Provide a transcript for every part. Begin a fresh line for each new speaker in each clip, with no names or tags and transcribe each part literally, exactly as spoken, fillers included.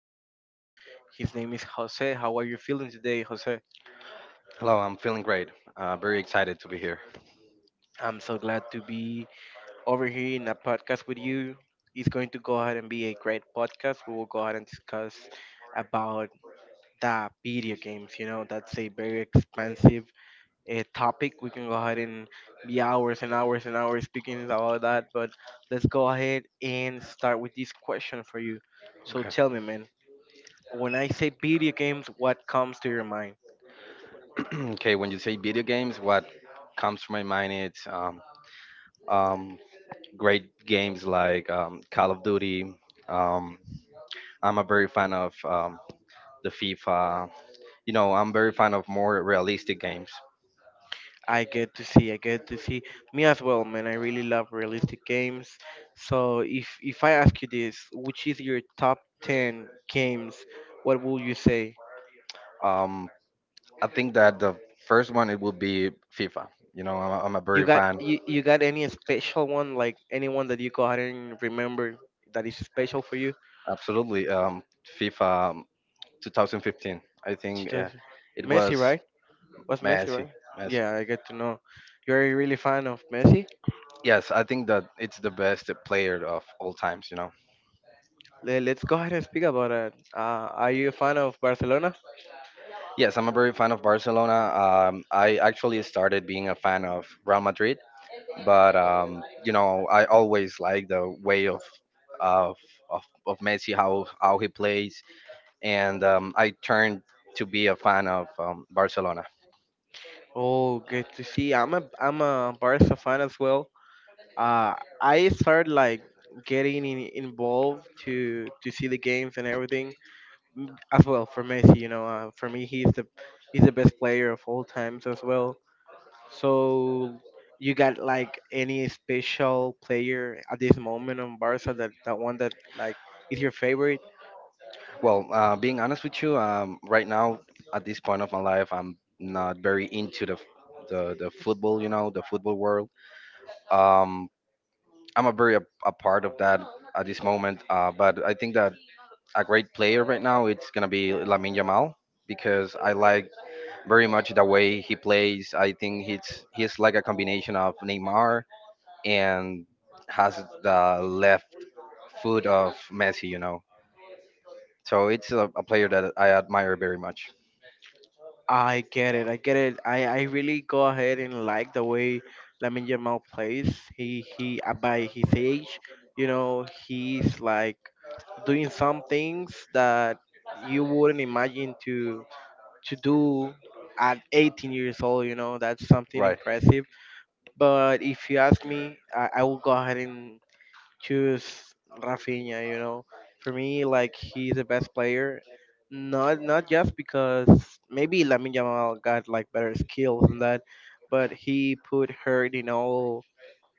special guest. His name is Jose. How are you feeling today, Jose?
Hello, I'm feeling great. Uh, very excited to be here.
I'm so glad to be over here in a podcast with you. It's going to go ahead and be a great podcast. We will go ahead and discuss about the video games. You know, that's a very expensive uh, topic. We can go ahead and be hours and hours and hours speaking about that. But let's go ahead and start with this question for you. So
Okay.
tell me, man. When I say video games, what comes to your mind?
Okay, when you say video games, what comes to my mind is um, um, great games like um, Call of Duty. Um, I'm a very fan of um, the FIFA. You know, I'm very fan of more realistic games.
I get to see, I get to see me as well, man. I really love realistic games. So if if I ask you this, which is your top ten games, what will you say?
Um, I think that the first one it would be FIFA. You know, I'm, a- I'm a
You
very
got
fan.
you, you got any special one, like anyone that you go ahead and remember that is special for you?
Absolutely. Um, FIFA. um, two thousand fifteen. I think uh,
Chito-
it
Messi,
was
right? Was Messi,
Messi.
right?
Messi.
Yeah, I get to know. You're a really fan of Messi?
Yes, I think that it's the best player of all times. You know.
Le- Let's go ahead and speak about it. Uh, are you a fan of Barcelona?
Yes, I'm a very fan of Barcelona. Um, I actually started being a fan of Real Madrid, but um, you know, I always like the way of of of, of Messi, how how he plays, and um, I turned to be a fan of um, Barcelona.
Oh, good to see. I'm a I'm a Barca fan as well. Uh, I started like getting in, involved to to see the games and everything as well for Messi. You know, uh, for me, he's the he's the best player of all times as well. So you got like any special player at this moment on Barca that that one that like is your favorite?
Well, uh, being honest with you, um, right now at this point of my life, I'm not very into the f- the, the football, you know, the football world. Um, I'm a very a, a part of that at this moment. Uh, but I think that a great player right now it's gonna be Lamine Yamal because I like very much the way he plays. I think he's he's like a combination of Neymar and has the left foot of Messi, you know. So it's a, a player that I admire very much.
I get it. I get it. I, I really go ahead and like the way Lamine Yamal plays. He he uh, by his age, you know, he's like doing some things that you wouldn't imagine to to do at eighteen years old. You know, that's something
Right.
impressive. But if you ask me, I, I will go ahead and choose Rafinha. You know, for me, like he's the best player. Not not just because maybe Lamine Yamal got like better skills than that, but he put her in all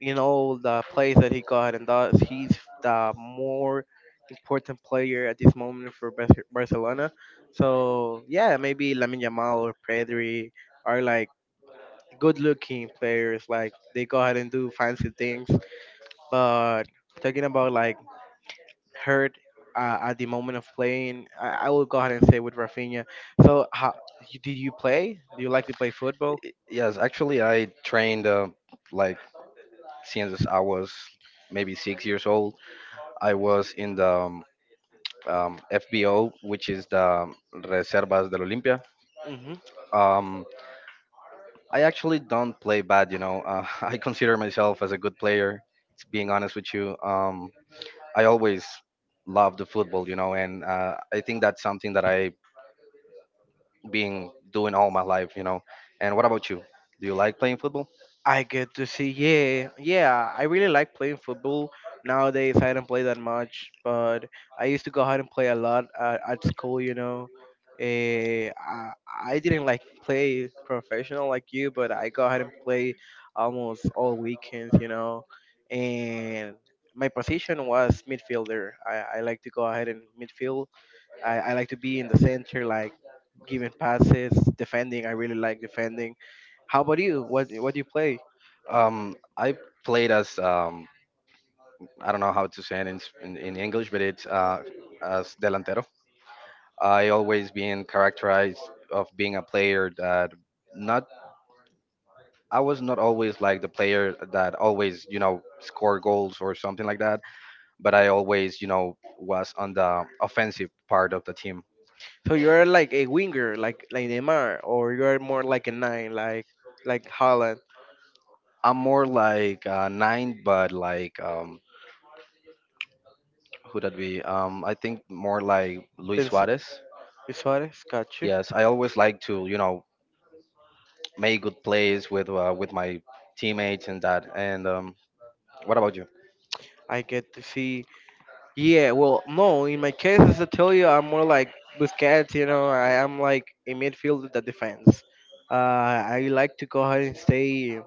in all the plays that he got, and thus he's the more important player at this moment for Bar- Barcelona. So yeah, maybe Lamine Yamal or Pedri are like good-looking players, like they go ahead and do fancy things, but talking about like hurt uh, at the moment of playing, I, I will go ahead and say with Rafinha. So, how, you, did you play? Do you like to play football?
Yes, actually, I trained uh, like since I was maybe six years old. I was in the um, um, F B O, which is the um, Reservas del Olimpia.
Mm-hmm.
Um, I actually don't play bad, you know. Uh, I consider myself as a good player. s- Being honest with you, um, I always loved the football, you know, and uh, I think that's something that I've been doing all my life, you know. And what about you? Do you like playing football?
I get to see. Yeah, yeah. I really like playing football. Nowadays, I don't play that much, but I used to go out and play a lot at, at school. You know, Eh, I, I didn't like play professional like you, but I go out and play almost all weekends. You know, and my position was midfielder. I, I like to go ahead and midfield. I, I like to be in the center, like giving passes, defending. I really like defending. How about you? What what do you play?
Um, I played as um, I don't know how to say it in, s- in, in English, but it's uh, as delantero. I always been characterized of being a player that not I was not always like the player that always you know score goals or something like that, but I always you know was on the offensive part of the team.
So you're like a winger, like like Neymar, or you're more like a nine, like like Holland.
I'm more like uh, nine, but like um, who that be? Um, I think more like Luis Suarez.
Suarez, got you.
Yes, I always like to you know made good plays with uh, with my teammates and that. And um, what about you?
I get to see. Yeah, well, no, in my case, as I tell you, I'm more like Busquets. You know, I am like a midfielder that defends. Uh, I like to go ahead and stay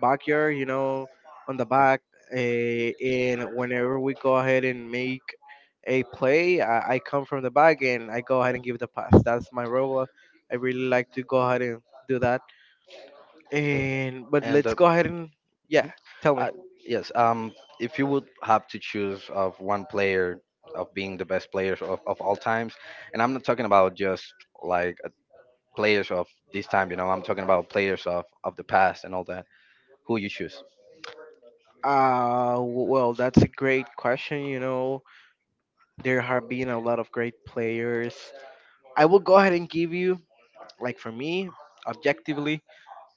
backyard, you know, on the back. Uh, and whenever we go ahead and make a play, I, I come from the back and I go ahead and give the pass. That's my role. I really like to go ahead and do that.
Okay,
And but
and
let's
uh,
go ahead and yeah, tell me.
I, yes, um, if you would have to choose of one player of being the best players of, of all times, and I'm not talking about just like uh, players of this time, you know, I'm talking about players of, of the past and all that. Who you choose?
Uh, w- well, that's a great question. You know, there have been a lot of great players. I will go ahead and give you, like for me, objectively,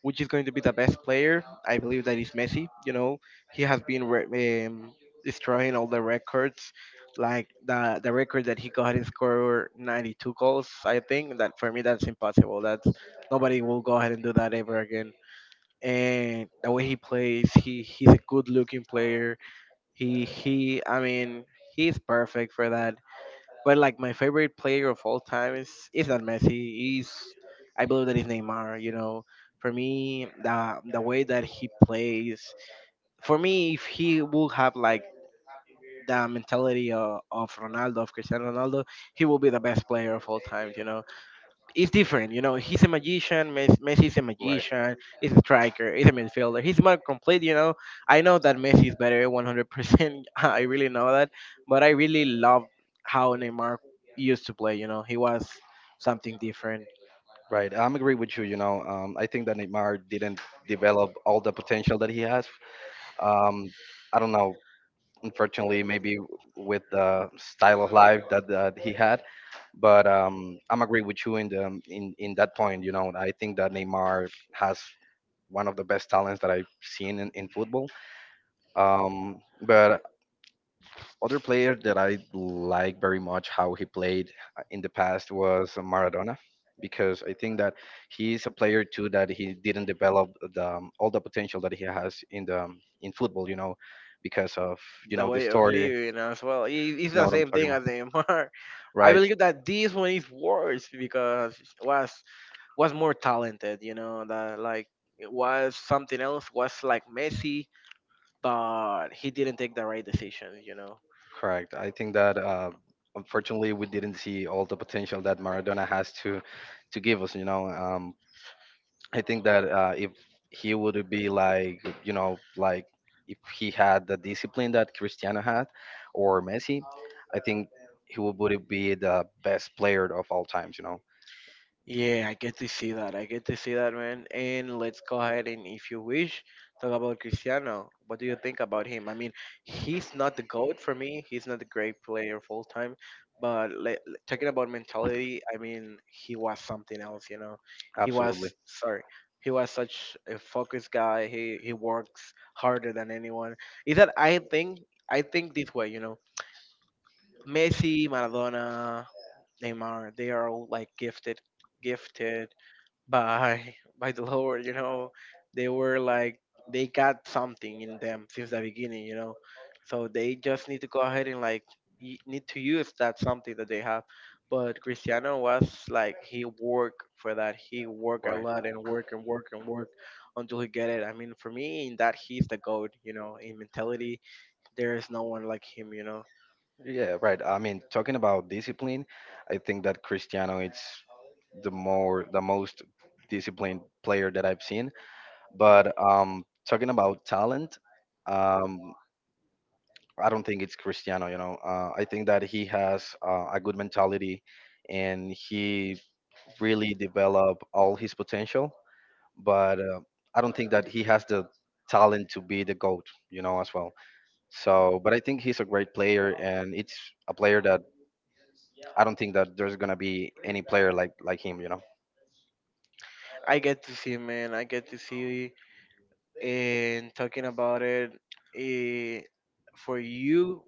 which is going to be the best player. I believe that is Messi. You know, he has been re- um, destroying all the records, like the the record that he got and score ninety-two goals. I think that for me that's impossible. That's nobody will go ahead and do that ever again. And the way he plays, he he's a good looking player. He he, I mean, he's perfect for that. But like my favorite player of all time is is not Messi. He's I believe that is Neymar. You know, for me the the way that he plays, for me if he would have like the mentality of, of Ronaldo, of Cristiano Ronaldo, he will be the best player of all time. You know it's different. You know, he's a magician. Mes- Messi is a
Right.
magician. He's a striker. He's a midfielder. He's more complete. You know, I know that Messi is better one hundred percent. I really know that, but I really love how Neymar used to play. You know, he was something different.
Right, I'm agree with you. You know, um, I think that Neymar didn't develop all the potential that he has. Um, I don't know, unfortunately, maybe with the style of life that, that he had. But um, I'm agree with you in the in in that point. You know, I think that Neymar has one of the best talents that I've seen in, in football. Um, but other player that I like very much how he played uh, in the past was Maradona, because I think that he's a player too that he didn't develop the um, all the potential that he has in the um, in football, you know, because of you
The
know the
way of
story. You
living as well. He- He's
know
the
what I'm
same
talking
thing
about,
as Neymar. I
right?
believe that this one is worse because was was more talented. You know, that like it was something else. Was like Messi but he didn't take the right decision, you know.
Correct. I think that uh, unfortunately we didn't see all the potential that Maradona has to to give us. You know, um, I think that uh, if he would be like, you know, like if he had the discipline that Cristiano had or Messi, I think he would would be the best player of all times, you know?
Yeah, I get to see that. I get to see that, man. And let's go ahead and, if you wish, talk about Cristiano. What do you think about him? I mean, he's not the GOAT for me. He's not a great player full time. But le- le- talking about mentality, I mean, he was something else, you know. He was,
Absolutely.
sorry, he was such a focused guy. He, he works harder than anyone. Is that I think, I think this way, you know. Messi, Maradona, Neymar. They are all like gifted, gifted by by the Lord. You know, they were like they got something in them since the beginning. You know, so they just need to go ahead and like y- need to use that something that they have. But Cristiano was like he worked for that. He worked a
Right.
lot and work and work and work until he get it. I mean, for me, in that he's the goat. You know, in mentality, there is no one like him. You know,
Yeah, right. I mean, talking about discipline, I think that Cristiano is the more the most disciplined player that I've seen. But um, talking about talent, um, I don't think it's Cristiano. You know, uh, I think that he has uh, a good mentality, and he really developed all his potential. But uh, I don't think that he has the talent to be the goat. You know, as well. So, but I think he's a great player, and it's a player that I don't think that there's gonna be any player like like him. You know,
I get to see man. I get to see. And talking about it, eh, for you,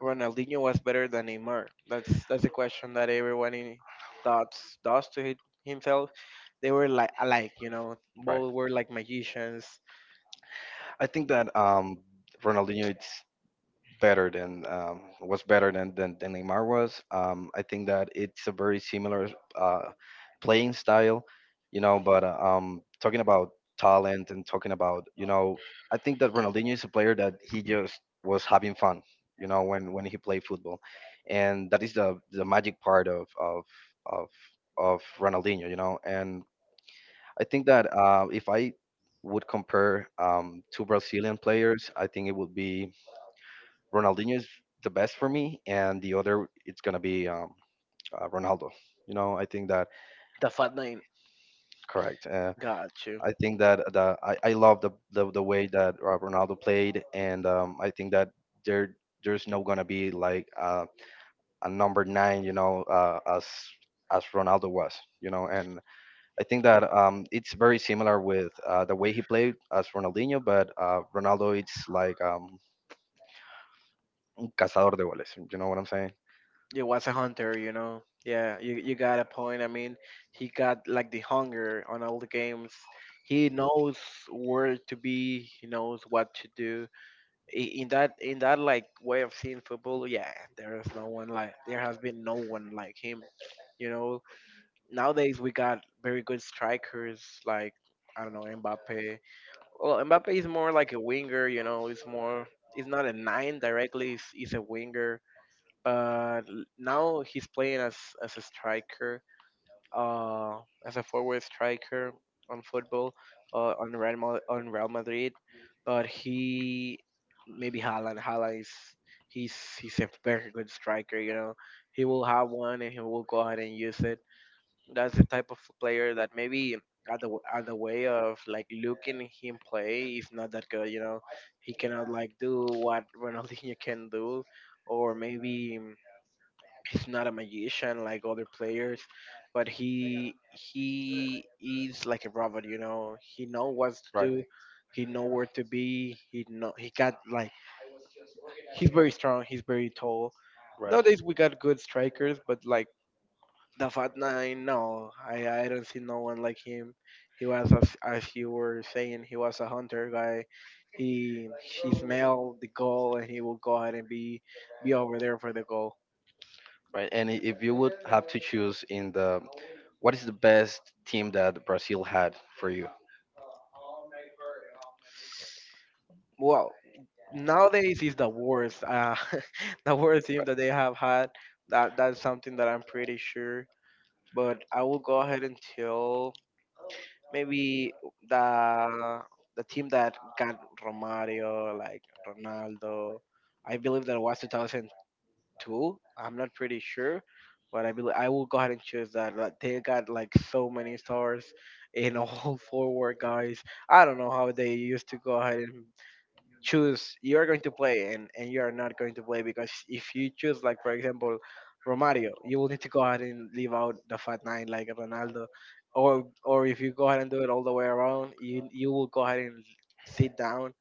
Ronaldinho was better than Neymar. That's that's a question that everyone in thoughts does to hi- himself. They were like alike, you know.
right?
Both were like magicians.
I think that um, Ronaldinho. Better than um, was better than, than than Neymar was. Um, I think that it's a very similar uh, playing style, you know. But uh, um, talking about talent and talking about you know, I think that Ronaldinho is a player that he just was having fun, you know, when when he played football, and that is the the magic part of of of of Ronaldinho, you know. And I think that uh, if I would compare um, two Brazilian players, I think it would be Ronaldinho is the best for me, and the other it's gonna be um, uh, Ronaldo. You know, I think that
The fat nine
correct. Uh,
got you.
I think that the I, I love the, the the way that uh, Ronaldo played, and um, I think that there there's no gonna be like uh, a number nine. You know, uh, as as Ronaldo was. You know, and I think that um, it's very similar with uh, the way he played as Ronaldinho, but uh, Ronaldo it's like um, un cazador de goles. You know what I'm saying?
It was a hunter, you know. Yeah, you, you got a point. I mean, he got like the hunger on all the games. He knows where to be. He knows what to do i- in that in that like way of seeing football, yeah, there is no one like there has been no one like him. You know, nowadays we got very good strikers like I don't know Mbappe. Well, Mbappe is more like a winger. You know, it's more it's not a nine directly. It's, it's a winger, but l- now he's playing as as a striker, uh, as a forward striker on football, uh, on Real Mal- on Real Madrid but he maybe Haaland. Haaland is he's he's a very good striker. You know, he will have one and he will go ahead and use it. That's the type of player that maybe at the at the way of like looking him play is not that good. You know, he cannot like do what Ronaldinho can do, or maybe he's not a magician like other players, but he he is like a robot. You know, he know what to
Right,
do, he know where to be. He know he got like he's very strong. He's very tall.
right,
Nowadays we got good strikers, but like the Fat Nine, no, I I don't see no one like him. He was as as you were saying, he was a hunter guy. He he smelled the goal and he will go ahead and be be over there for the goal.
right. And i- if you would have to choose in the, what is the best team that Brazil had for you?
Well, nowadays is the worst uh the worst team that they have had that that's something that I'm pretty sure but I will go ahead and tell maybe the the team that got Romario, like Ronaldo. I believe that was twenty oh two, I'm not pretty sure but I believe I will go ahead and choose that. Like, they got like so many stars in all forward guys. I don't know how they used to go ahead and choose you are going to play and, and you are not going to play, because if you choose like for example Romario, you will need to go ahead and leave out the fat nine like Ronaldo, or or if you go ahead and do it all the way around, you you will go ahead and sit down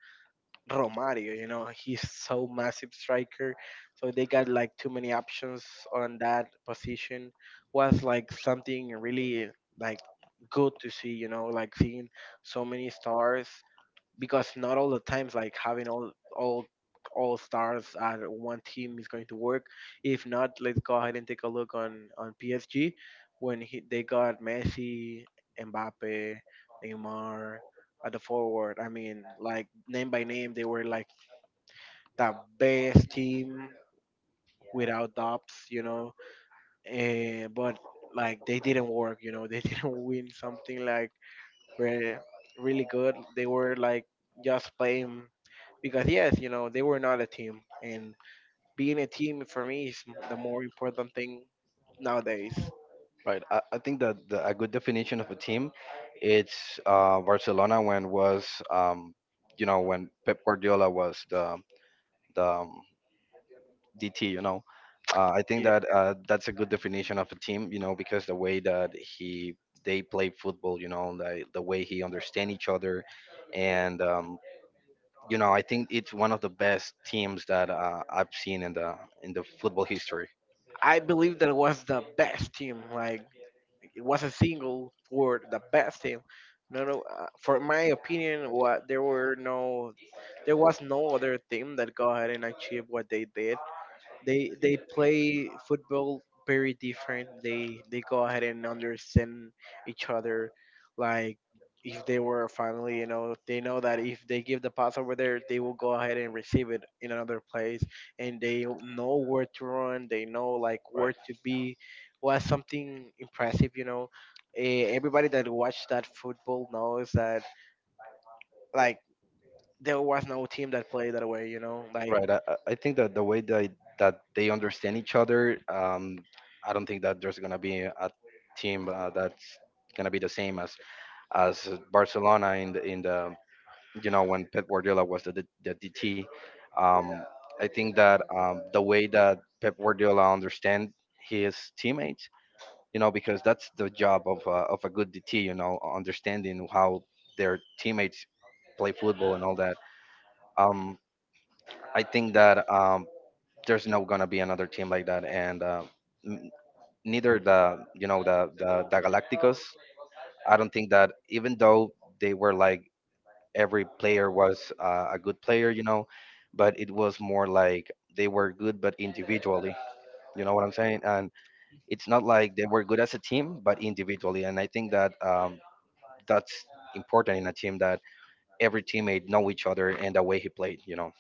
Romario. You know he's so massive striker, so they got like too many options on that position. Was like something really like good to see. You know, like seeing so many stars, because not all the times like having all all all stars at one team is going to work. If not, let's go ahead and take a look on on P S G when he, they got Messi, Mbappe, Neymar at the forward. I mean, like name by name, they were like the best team without doubts, you know. Eh, but like they didn't work, you know. They didn't win something like were really good. They were like just playing because yes, you know, they were not a team, and being a team for me is the more important thing nowadays.
Right. I, I think that the, a good definition of a team, it's uh, Barcelona when was, um, you know, when Pep Guardiola was the the um, D T. You know, uh, I think
Yeah,
that uh, that's a good definition of a team. You know, because the way that he they play football. You know, the the way he understand each other, and um, you know, I think it's one of the best teams that uh, I've seen in the in the football history.
I believe that it was the best team. Like it was a single for the best team. No, no. Uh, for my opinion, what there were no, there was no other team that go ahead and achieve what they did. They they play football very different. They they go ahead and understand each other. Like if they were a family, you know, they know that if they give the pass over there, they will go ahead and receive it in another place, and they know where to run. They know like where
Right.
to be. Was something impressive, you know. Eh, Everybody that watched that football knows that like there was no team that played that way, you know. Like
Right. I, I I think that the way that that they understand each other, um, I don't think that there's gonna be a team uh, that's gonna be the same as as Barcelona in the in the you know, when Pep Guardiola was the, the, the D T. Um, I think that um, the way that Pep Guardiola understands his teammates, you know, because that's the job of, uh, of a good D T, you know, understanding how their teammates play football and all that. Um, I think that um, there's not gonna be another team like that, and uh, n- neither the you know the, the the Galacticos. I don't think that even though they were like every player was uh, a good player, you know, but it was more like they were good, but individually. You know what I'm saying? And it's not like they were good as a team, but individually. And I think that um, that's important in a team that every teammate know each other and the way he played. You know,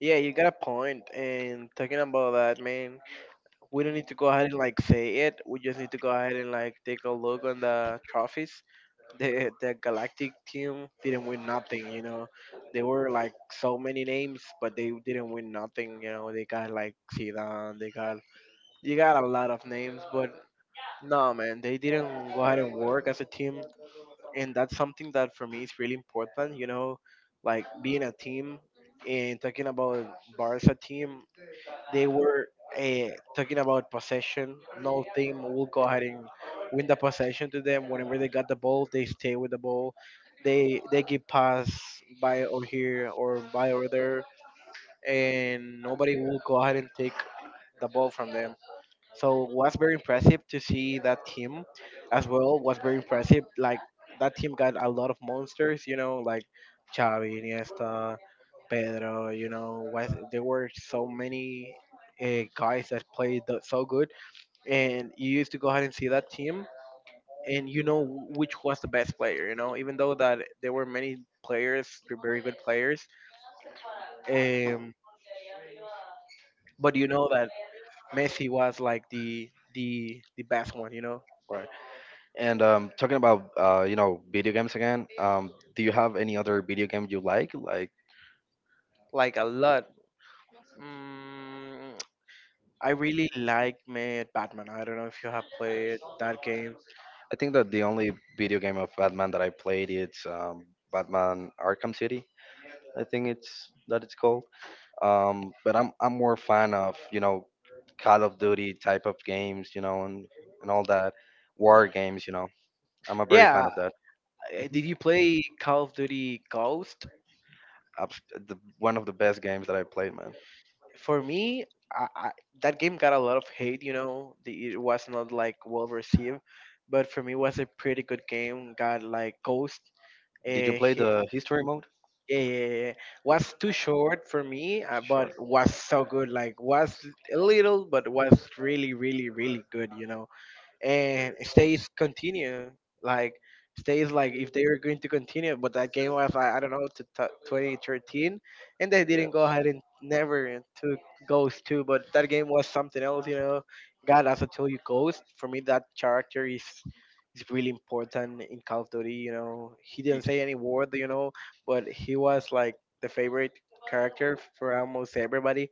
yeah, you got a point. And talking about that, man, we don't need to go ahead and like say it. We just need to go ahead and like take a look on the trophies. The the Galactic team didn't win nothing, you know. They were like so many names, but they didn't win nothing, you know. They got like Zidane, they got, you got a lot of names, but no man, they didn't go ahead and work as a team, and that's something that for me is really important, you know, like being a team and talking about Barca team, they were, uh, talking about possession. No team will go ahead and win the possession to them. Whenever they got the ball, they stay with the ball. They they give pass by or here or by over there, and nobody will go ahead and take the ball from them. So was very impressive to see that team as well. Was very impressive. Like that team got a lot of monsters, you know, like Xavi, Iniesta, Pedro. You know, was there were so many uh, guys that played th- so good, and you used to go ahead and see that team, and you know wh- which was the best player. You know, even though that there were many players, very good players, um, but you know that Messi was like the the the best one. You know,
right? And um, talking about uh, you know video games again, um, do you have any other video game you like? Like
like a lot. Mm, I really like Mad Batman. I don't know if you have played that game.
I think that the only video game of Batman that I played is um, Batman Arkham City. I think it's that it's called. Um, but I'm I'm more fan of you know Call of Duty type of games, you know, and and all that war games. You know, I'm a very fan
Yeah,
of that.
uh, did you play Call of Duty Ghost?
Abs- The, one of the best games that I played, man.
For me, I, I, that game got a lot of hate. You know, the, it was not like well received, but for me, it was a pretty good game. Got like Ghost.
Did you
Uh,
play
he,
the history mode?
yeah, yeah, yeah, was too short for me, uh, but
Sure.
was so good. Like was a little, but was really, really, really good. You know, and stays continue, like stays like if they were going to continue, but that game was like, I don't know, to t- twenty thirteen, and they
Yeah.
didn't go ahead and never took ghost two. But that game was something else, you know, god. As I told you, ghost for me, that character is is really important in Call of Duty. You know, he
Y-
didn't say any word, you know, but he was like the favorite character for almost everybody.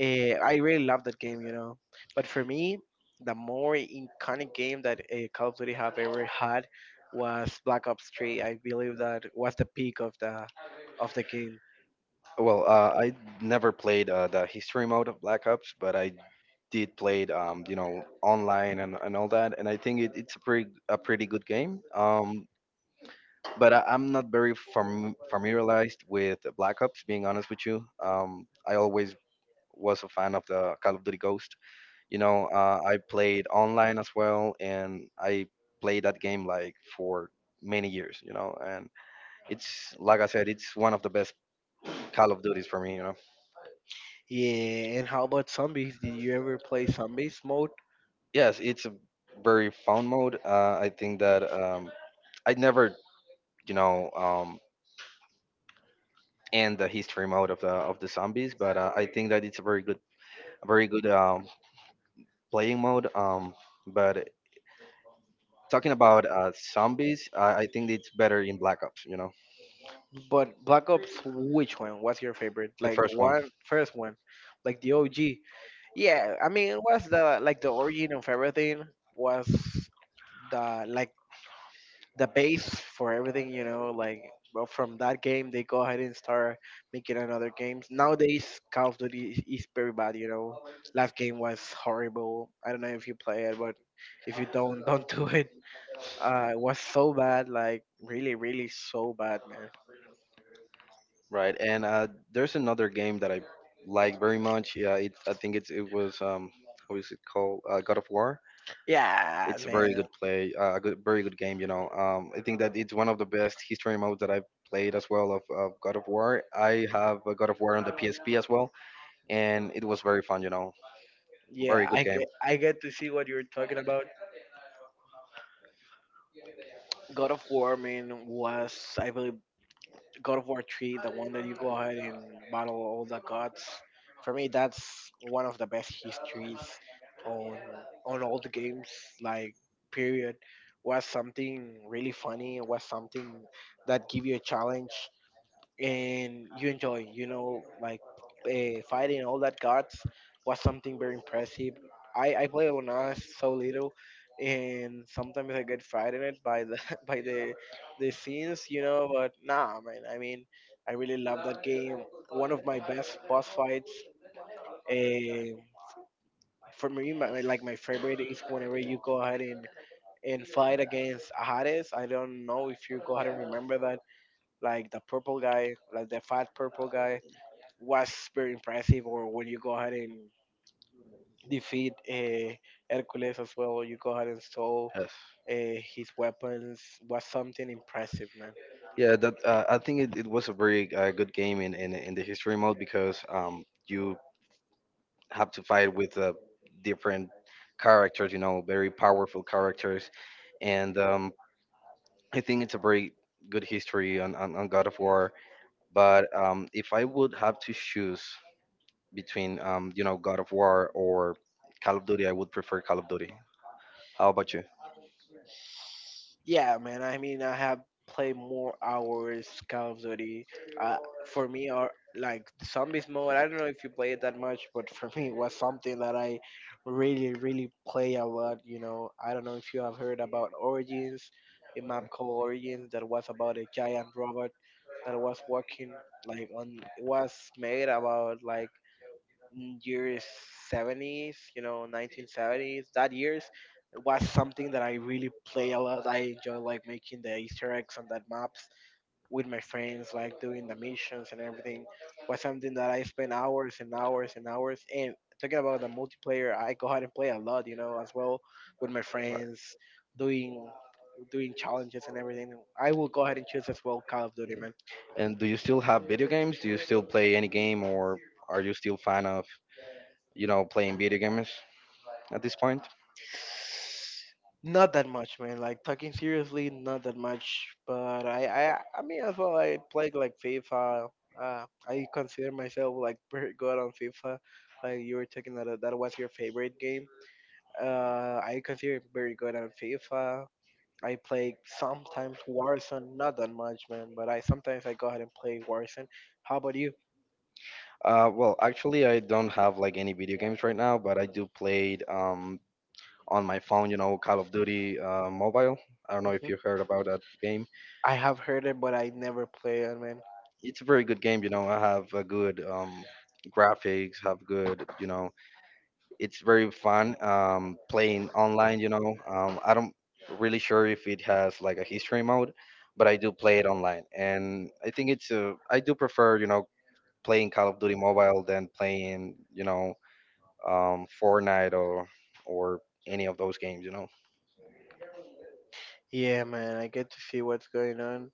uh, I really love that game, you know. But for me, the more iconic game that uh, Call of Duty have ever had was Black Ops three. I believe that was the peak of the of the game.
Well, uh, I never played uh, the history mode of Black Ops, but I did play, um, you know, online and, and all that, and I think it, it's a pretty a pretty good game. Um, but I, I'm not very fam- familiarized with Black Ops, being honest with you. Um, I always was a fan of the Call of Duty Ghost. You know, uh, I played online as well, and I played that game like for many years. You know, and it's like I said, it's one of the best Call of Duties for me. You know.
Yeah, and how about zombies? Did you ever play zombies mode?
Yes, it's a very fun mode. Uh, I think that um, I never, you know, um, end the history mode of the of the zombies, but uh, I think that it's a very good, a very good um, playing mode. Um, but talking about uh, zombies, I, I think it's better in Black Ops. You know,
But Black Ops, which one was your favorite?
the
Like the
first one,
one first one, like the O G. Yeah, I mean, it was the like the origin of everything, was the like the base for everything, you know, like well, from that game they go ahead and start making another games. Nowadays Call of Duty is is very bad, you know. Last game was horrible. I don't know if you play it, but if you don't don't do it. Uh, it was so bad, like really, really so bad, man.
right? And uh, there's another game that I like very much. Yeah, it, I think it's it was um, how is it called? Uh, God of War.
Yeah,
It's a very
man.
good play, uh, a good, very good game. You know, um, I think that it's one of the best history modes that I've played as well of, of God of War. I have a God of War on the P S P as well, and it was very fun. You know, very
Yeah,
good
I
game.
get I get to see what you're talking about. God of War, man, was, I believe, God of War three, the one that you go ahead and battle all the gods. For me, that's one of the best histories on on all the games. Like period, was something really funny. Was something that give you a challenge and you enjoy, you know, like uh, fighting all that gods was something very impressive. I, I played when I was so little, and sometimes I get frightened by the by the the scenes, you know. But nah, man. I mean, I really love that game. One of my best boss fights. Uh, for me, my, my- like my favorite is whenever you go ahead and, and fight against Hades. I don't know if you go ahead and remember that, like the purple guy, like the fat purple guy, was very impressive, or when you go ahead and defeat uh, Hercules as well, you go ahead and stole
Yes.
uh, his weapons, was something impressive, man.
Yeah, that uh, I think it, it was a very uh, good game in, in in the history mode because um you have to fight with uh, different characters, you know, very powerful characters, and um I think it's a very good history on on, on God of War. But um, if I would have to choose between um, you know God of War or Call of Duty, I would prefer Call of Duty. How about you?
Yeah, man. I mean, I have played more hours Call of Duty. I, for me are like the zombies mode. I don't know if you play it that much, but for me it was something that I really, really play a lot. You know, I don't know if you have heard about Origins, a map called Origins that was about a giant robot that was working like on. It was made about like in years seventies, you know, nineteen seventies. That years it was something that I really play a lot. I enjoy like making the Easter eggs on that map with my friends, like doing the missions and everything, was something that I spent hours and hours and hours. And talking about the multiplayer, I go out and play a lot, you know, as well with my
Right.
friends, doing doing challenges and everything. I will go ahead and choose as well Call of Duty, man.
And do you still have video games? Do you still play any game, or are you still fan of, you know, playing video games at this point?
Not that much, man. Like talking seriously, not that much. But I, I, I mean, as well, I played like FIFA. Uh, I consider myself like pretty good on FIFA. Like you were talking that that was your favorite game. Uh, I consider it very good on FIFA. I play sometimes Warzone, not that much, man, but I sometimes I go ahead and play Warzone. How about you?
Uh, well, actually, I don't have like any video games right now, but I do play um, on my phone. You know, Call of Duty uh, Mobile. I don't know if you heard about that game.
I have heard it, but I never play it, man.
It's a very good game. You know, I have a good um, graphics, have good. You know, it's very fun um, playing online. You know, um, I don't really sure if it has like a history mode, but I do play it online, and I think it's a. I do prefer, you know, playing Call of Duty Mobile than playing, you know um, Fortnite or or any of those games. You know,
Yeah, man, I get to see what's going on,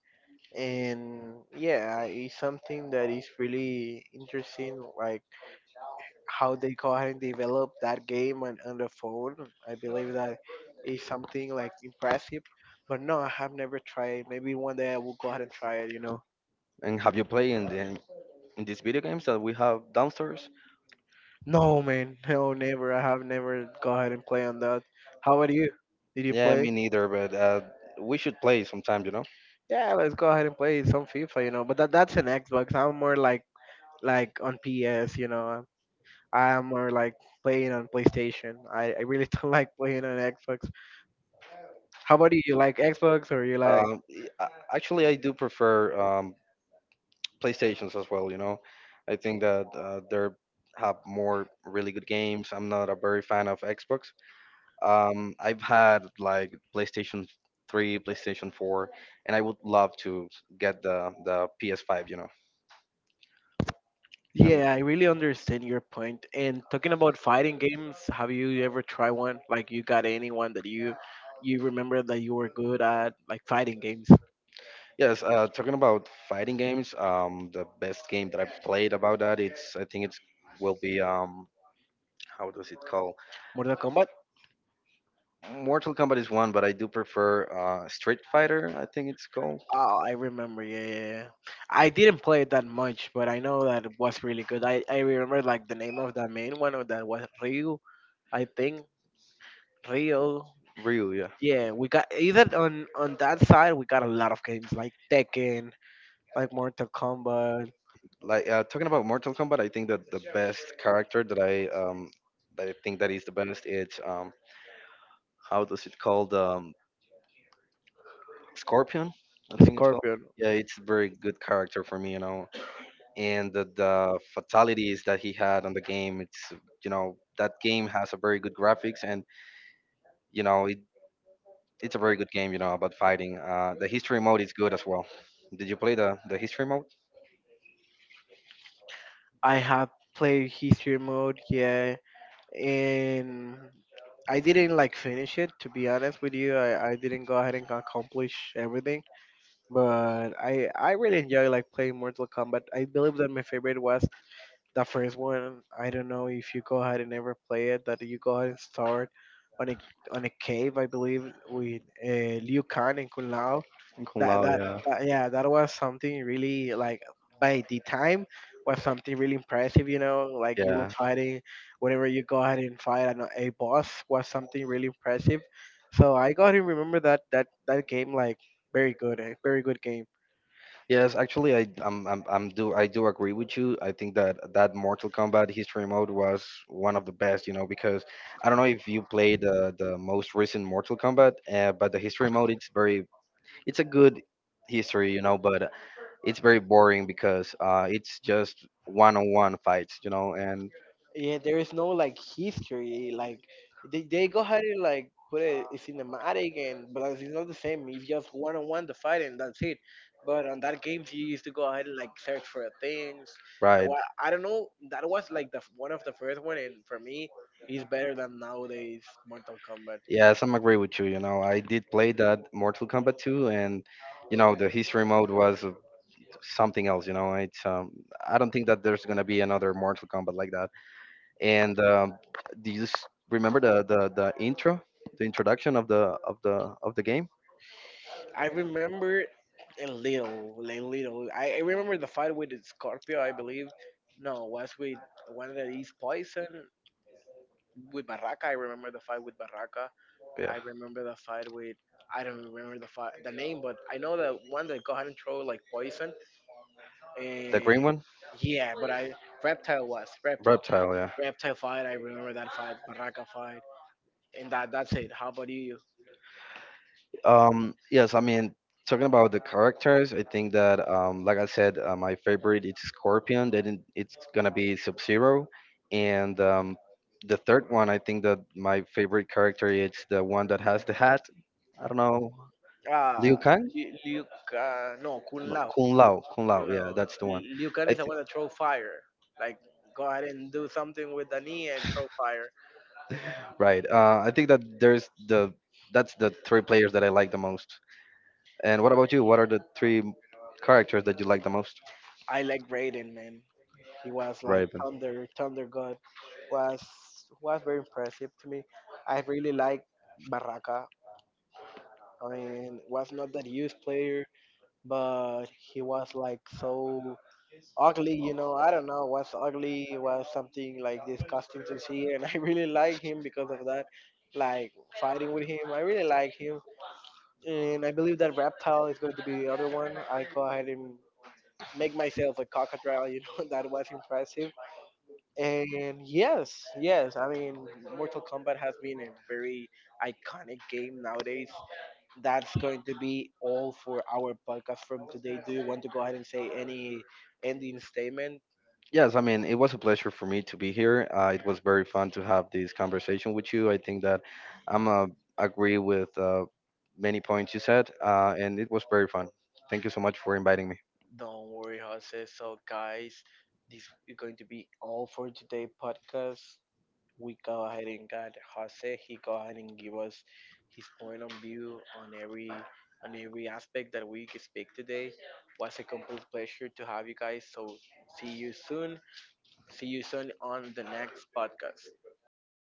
and yeah, it's something that is really interesting, like how they go ahead and develop that game on, on the phone. I believe that is something like impressive, but no, I have never tried. Maybe one day I will go ahead and try it, you know.
and have you played in the in these video games that we have downstairs?
No, man. No, never. I have never go ahead and play on that. How about you? Did you
Yeah,
play?
me neither, but uh, we should play sometime. You know.
Yeah, let's go ahead and play some FIFA, you know. But that that's an Xbox. I'm more like like on P S, you know. I'm- more like playing on PlayStation. I, I really don't like playing on Xbox. How about you? You like Xbox or you like?
Um, y- a- actually, I do prefer um, PlayStations as well. You know, I think that uh, they have more really good games. I'm not a very fan of Xbox. Um, I've had like PlayStation three, PlayStation four, and I would love to get the the P S five. You know, and
Yeah, I really understand your point. And talking about fighting games, have you ever tried one? Like you got anyone that you you remember that you were good at, like fighting games?
yes, uh, talking about fighting games, um, the best game that I played about that, it's I think it's will be um, how does it call?
Mortal Kombat?
Mortal Kombat is one, but I do prefer uh, Street Fighter. I think it's called
Oh, I remember. Yeah, yeah, yeah. I didn't play it that much, but I know that it was really good. I, I remember like the name of the main one, or that was Ryu, I think, Rio.
Ryu. Yeah.
Yeah, we got either on on that side we got a lot of games like Tekken, like Mortal Kombat,
Like uh, talking about Mortal Kombat, I think that the best character that I um that I think that is the best is um how does it called um Scorpion? I think it's called.
Scorpion.
Yeah, it's a very good character for me, you know. And the, the fatalities that he had on the game, it's, you know, that game has a very good graphics, and you know it it's a very good game, you know, about fighting. Uh, the history mode is good as well. Did you play the, the history mode?
I have played history mode, yeah, and I didn't like finish it, to be honest with you. I, I didn't go ahead and accomplish everything, but I I really enjoy like playing Mortal Kombat. I believe that my favorite was the first one. I don't know if you go ahead and ever play it. That you go ahead and start on a on a cave, I believe, with uh, Liu Kang and Kung Lao.
Kung
That,
Lao,
that
yeah,
that yeah, that was something really like by the time was something really impressive. You know, like you were
yeah,
fighting whenever you go ahead and fight an, a boss, was something really impressive. So I got to remember that that that game like very good, a very good game.
yes. Actually, I I'm, I'm I'm do I do agree with you. I think that that Mortal Kombat history mode was one of the best, you know, because I don't know if you played the the most recent Mortal Kombat, uh, but the history mode it's very it's a good history, you know, but it's very boring because uh, it's just one on one fights, you know, and
Yeah, there is no like history. Like they, they go ahead and like put it, it's cinematic, and but it's not the same. It's just one on one the fight and that's it. But on that game, you used to go ahead and like search for things. Uh,
right.
Well, I don't know. That was like the f- one of the first one, and for me, it's better than nowadays Mortal Kombat.
Yes, I'm agree with you. You know, I did play that Mortal Kombat two, and you know the history mode was uh, something else. You know, it's um, I don't think that there's gonna be another Mortal Kombat like that. And um, do you s- remember the, the the intro, the introduction of the of the of the game?
I remember a little, like little. I, I remember the fight with Scorpio, I believe. No, was with the one that is poison, with Baraka. I remember the fight with Baraka.
Yeah,
I remember the fight with, I don't remember the fight the name, but I know the one that go ahead and throw like poison,
the
and
green one,
yeah, but I, reptile, was reptile,
Reptile. Yeah.
reptile fight. I remember that fight, Baraka fight, and that that's it. How about you?
Um, yes, I mean, talking about the characters, I think that, um, like I said, uh, my favorite is Scorpion. Then it's gonna be Sub Zero, and um, the third one, I think that my favorite character is the one that has the hat. I don't know,
Ah,
Liu Kang,
Liu, Liu uh, no Kun
no,
Lao,
Kung Lao, Kung Lao.
Kun Lao.
Yeah, that's the one.
Liu Kang
I
is
th-
the one that throw fire. Like go ahead and do something with the knee and throw fire.
right. Uh, I think that there's the that's the three players that I like the most. And what about you? What are the three characters that you like the most?
I like Raiden, man. He was like
Right.
thunder, thunder god. Was was very impressive to me. I really like Barraca. I mean, was not that huge player, but he was like so ugly. You know, I don't know. Was ugly. Was something like disgusting to see, and I really like him because of that. Like fighting with him, I really like him, and I believe that Reptile is going to be the other one. I go ahead and make myself a crocodile. You know, that was impressive. And yes, yes, I mean, Mortal Kombat has been a very iconic game nowadays. That's going to be all for our podcast from today. Do you want to go ahead and say any ending statement?
Yes, I mean, it was a pleasure for me to be here. Uh, it was very fun to have this conversation with you. I think that I'm uh, agree with uh, many points you said, uh, and it was very fun. Thank you so much for inviting me.
Don't worry, Jose. So, guys, this is going to be all for today podcast. We go ahead and got Jose. He go ahead and give us his point of view on every on every aspect that we could speak today. Was a complete pleasure to have you guys. So see you soon. See you soon on the next podcast.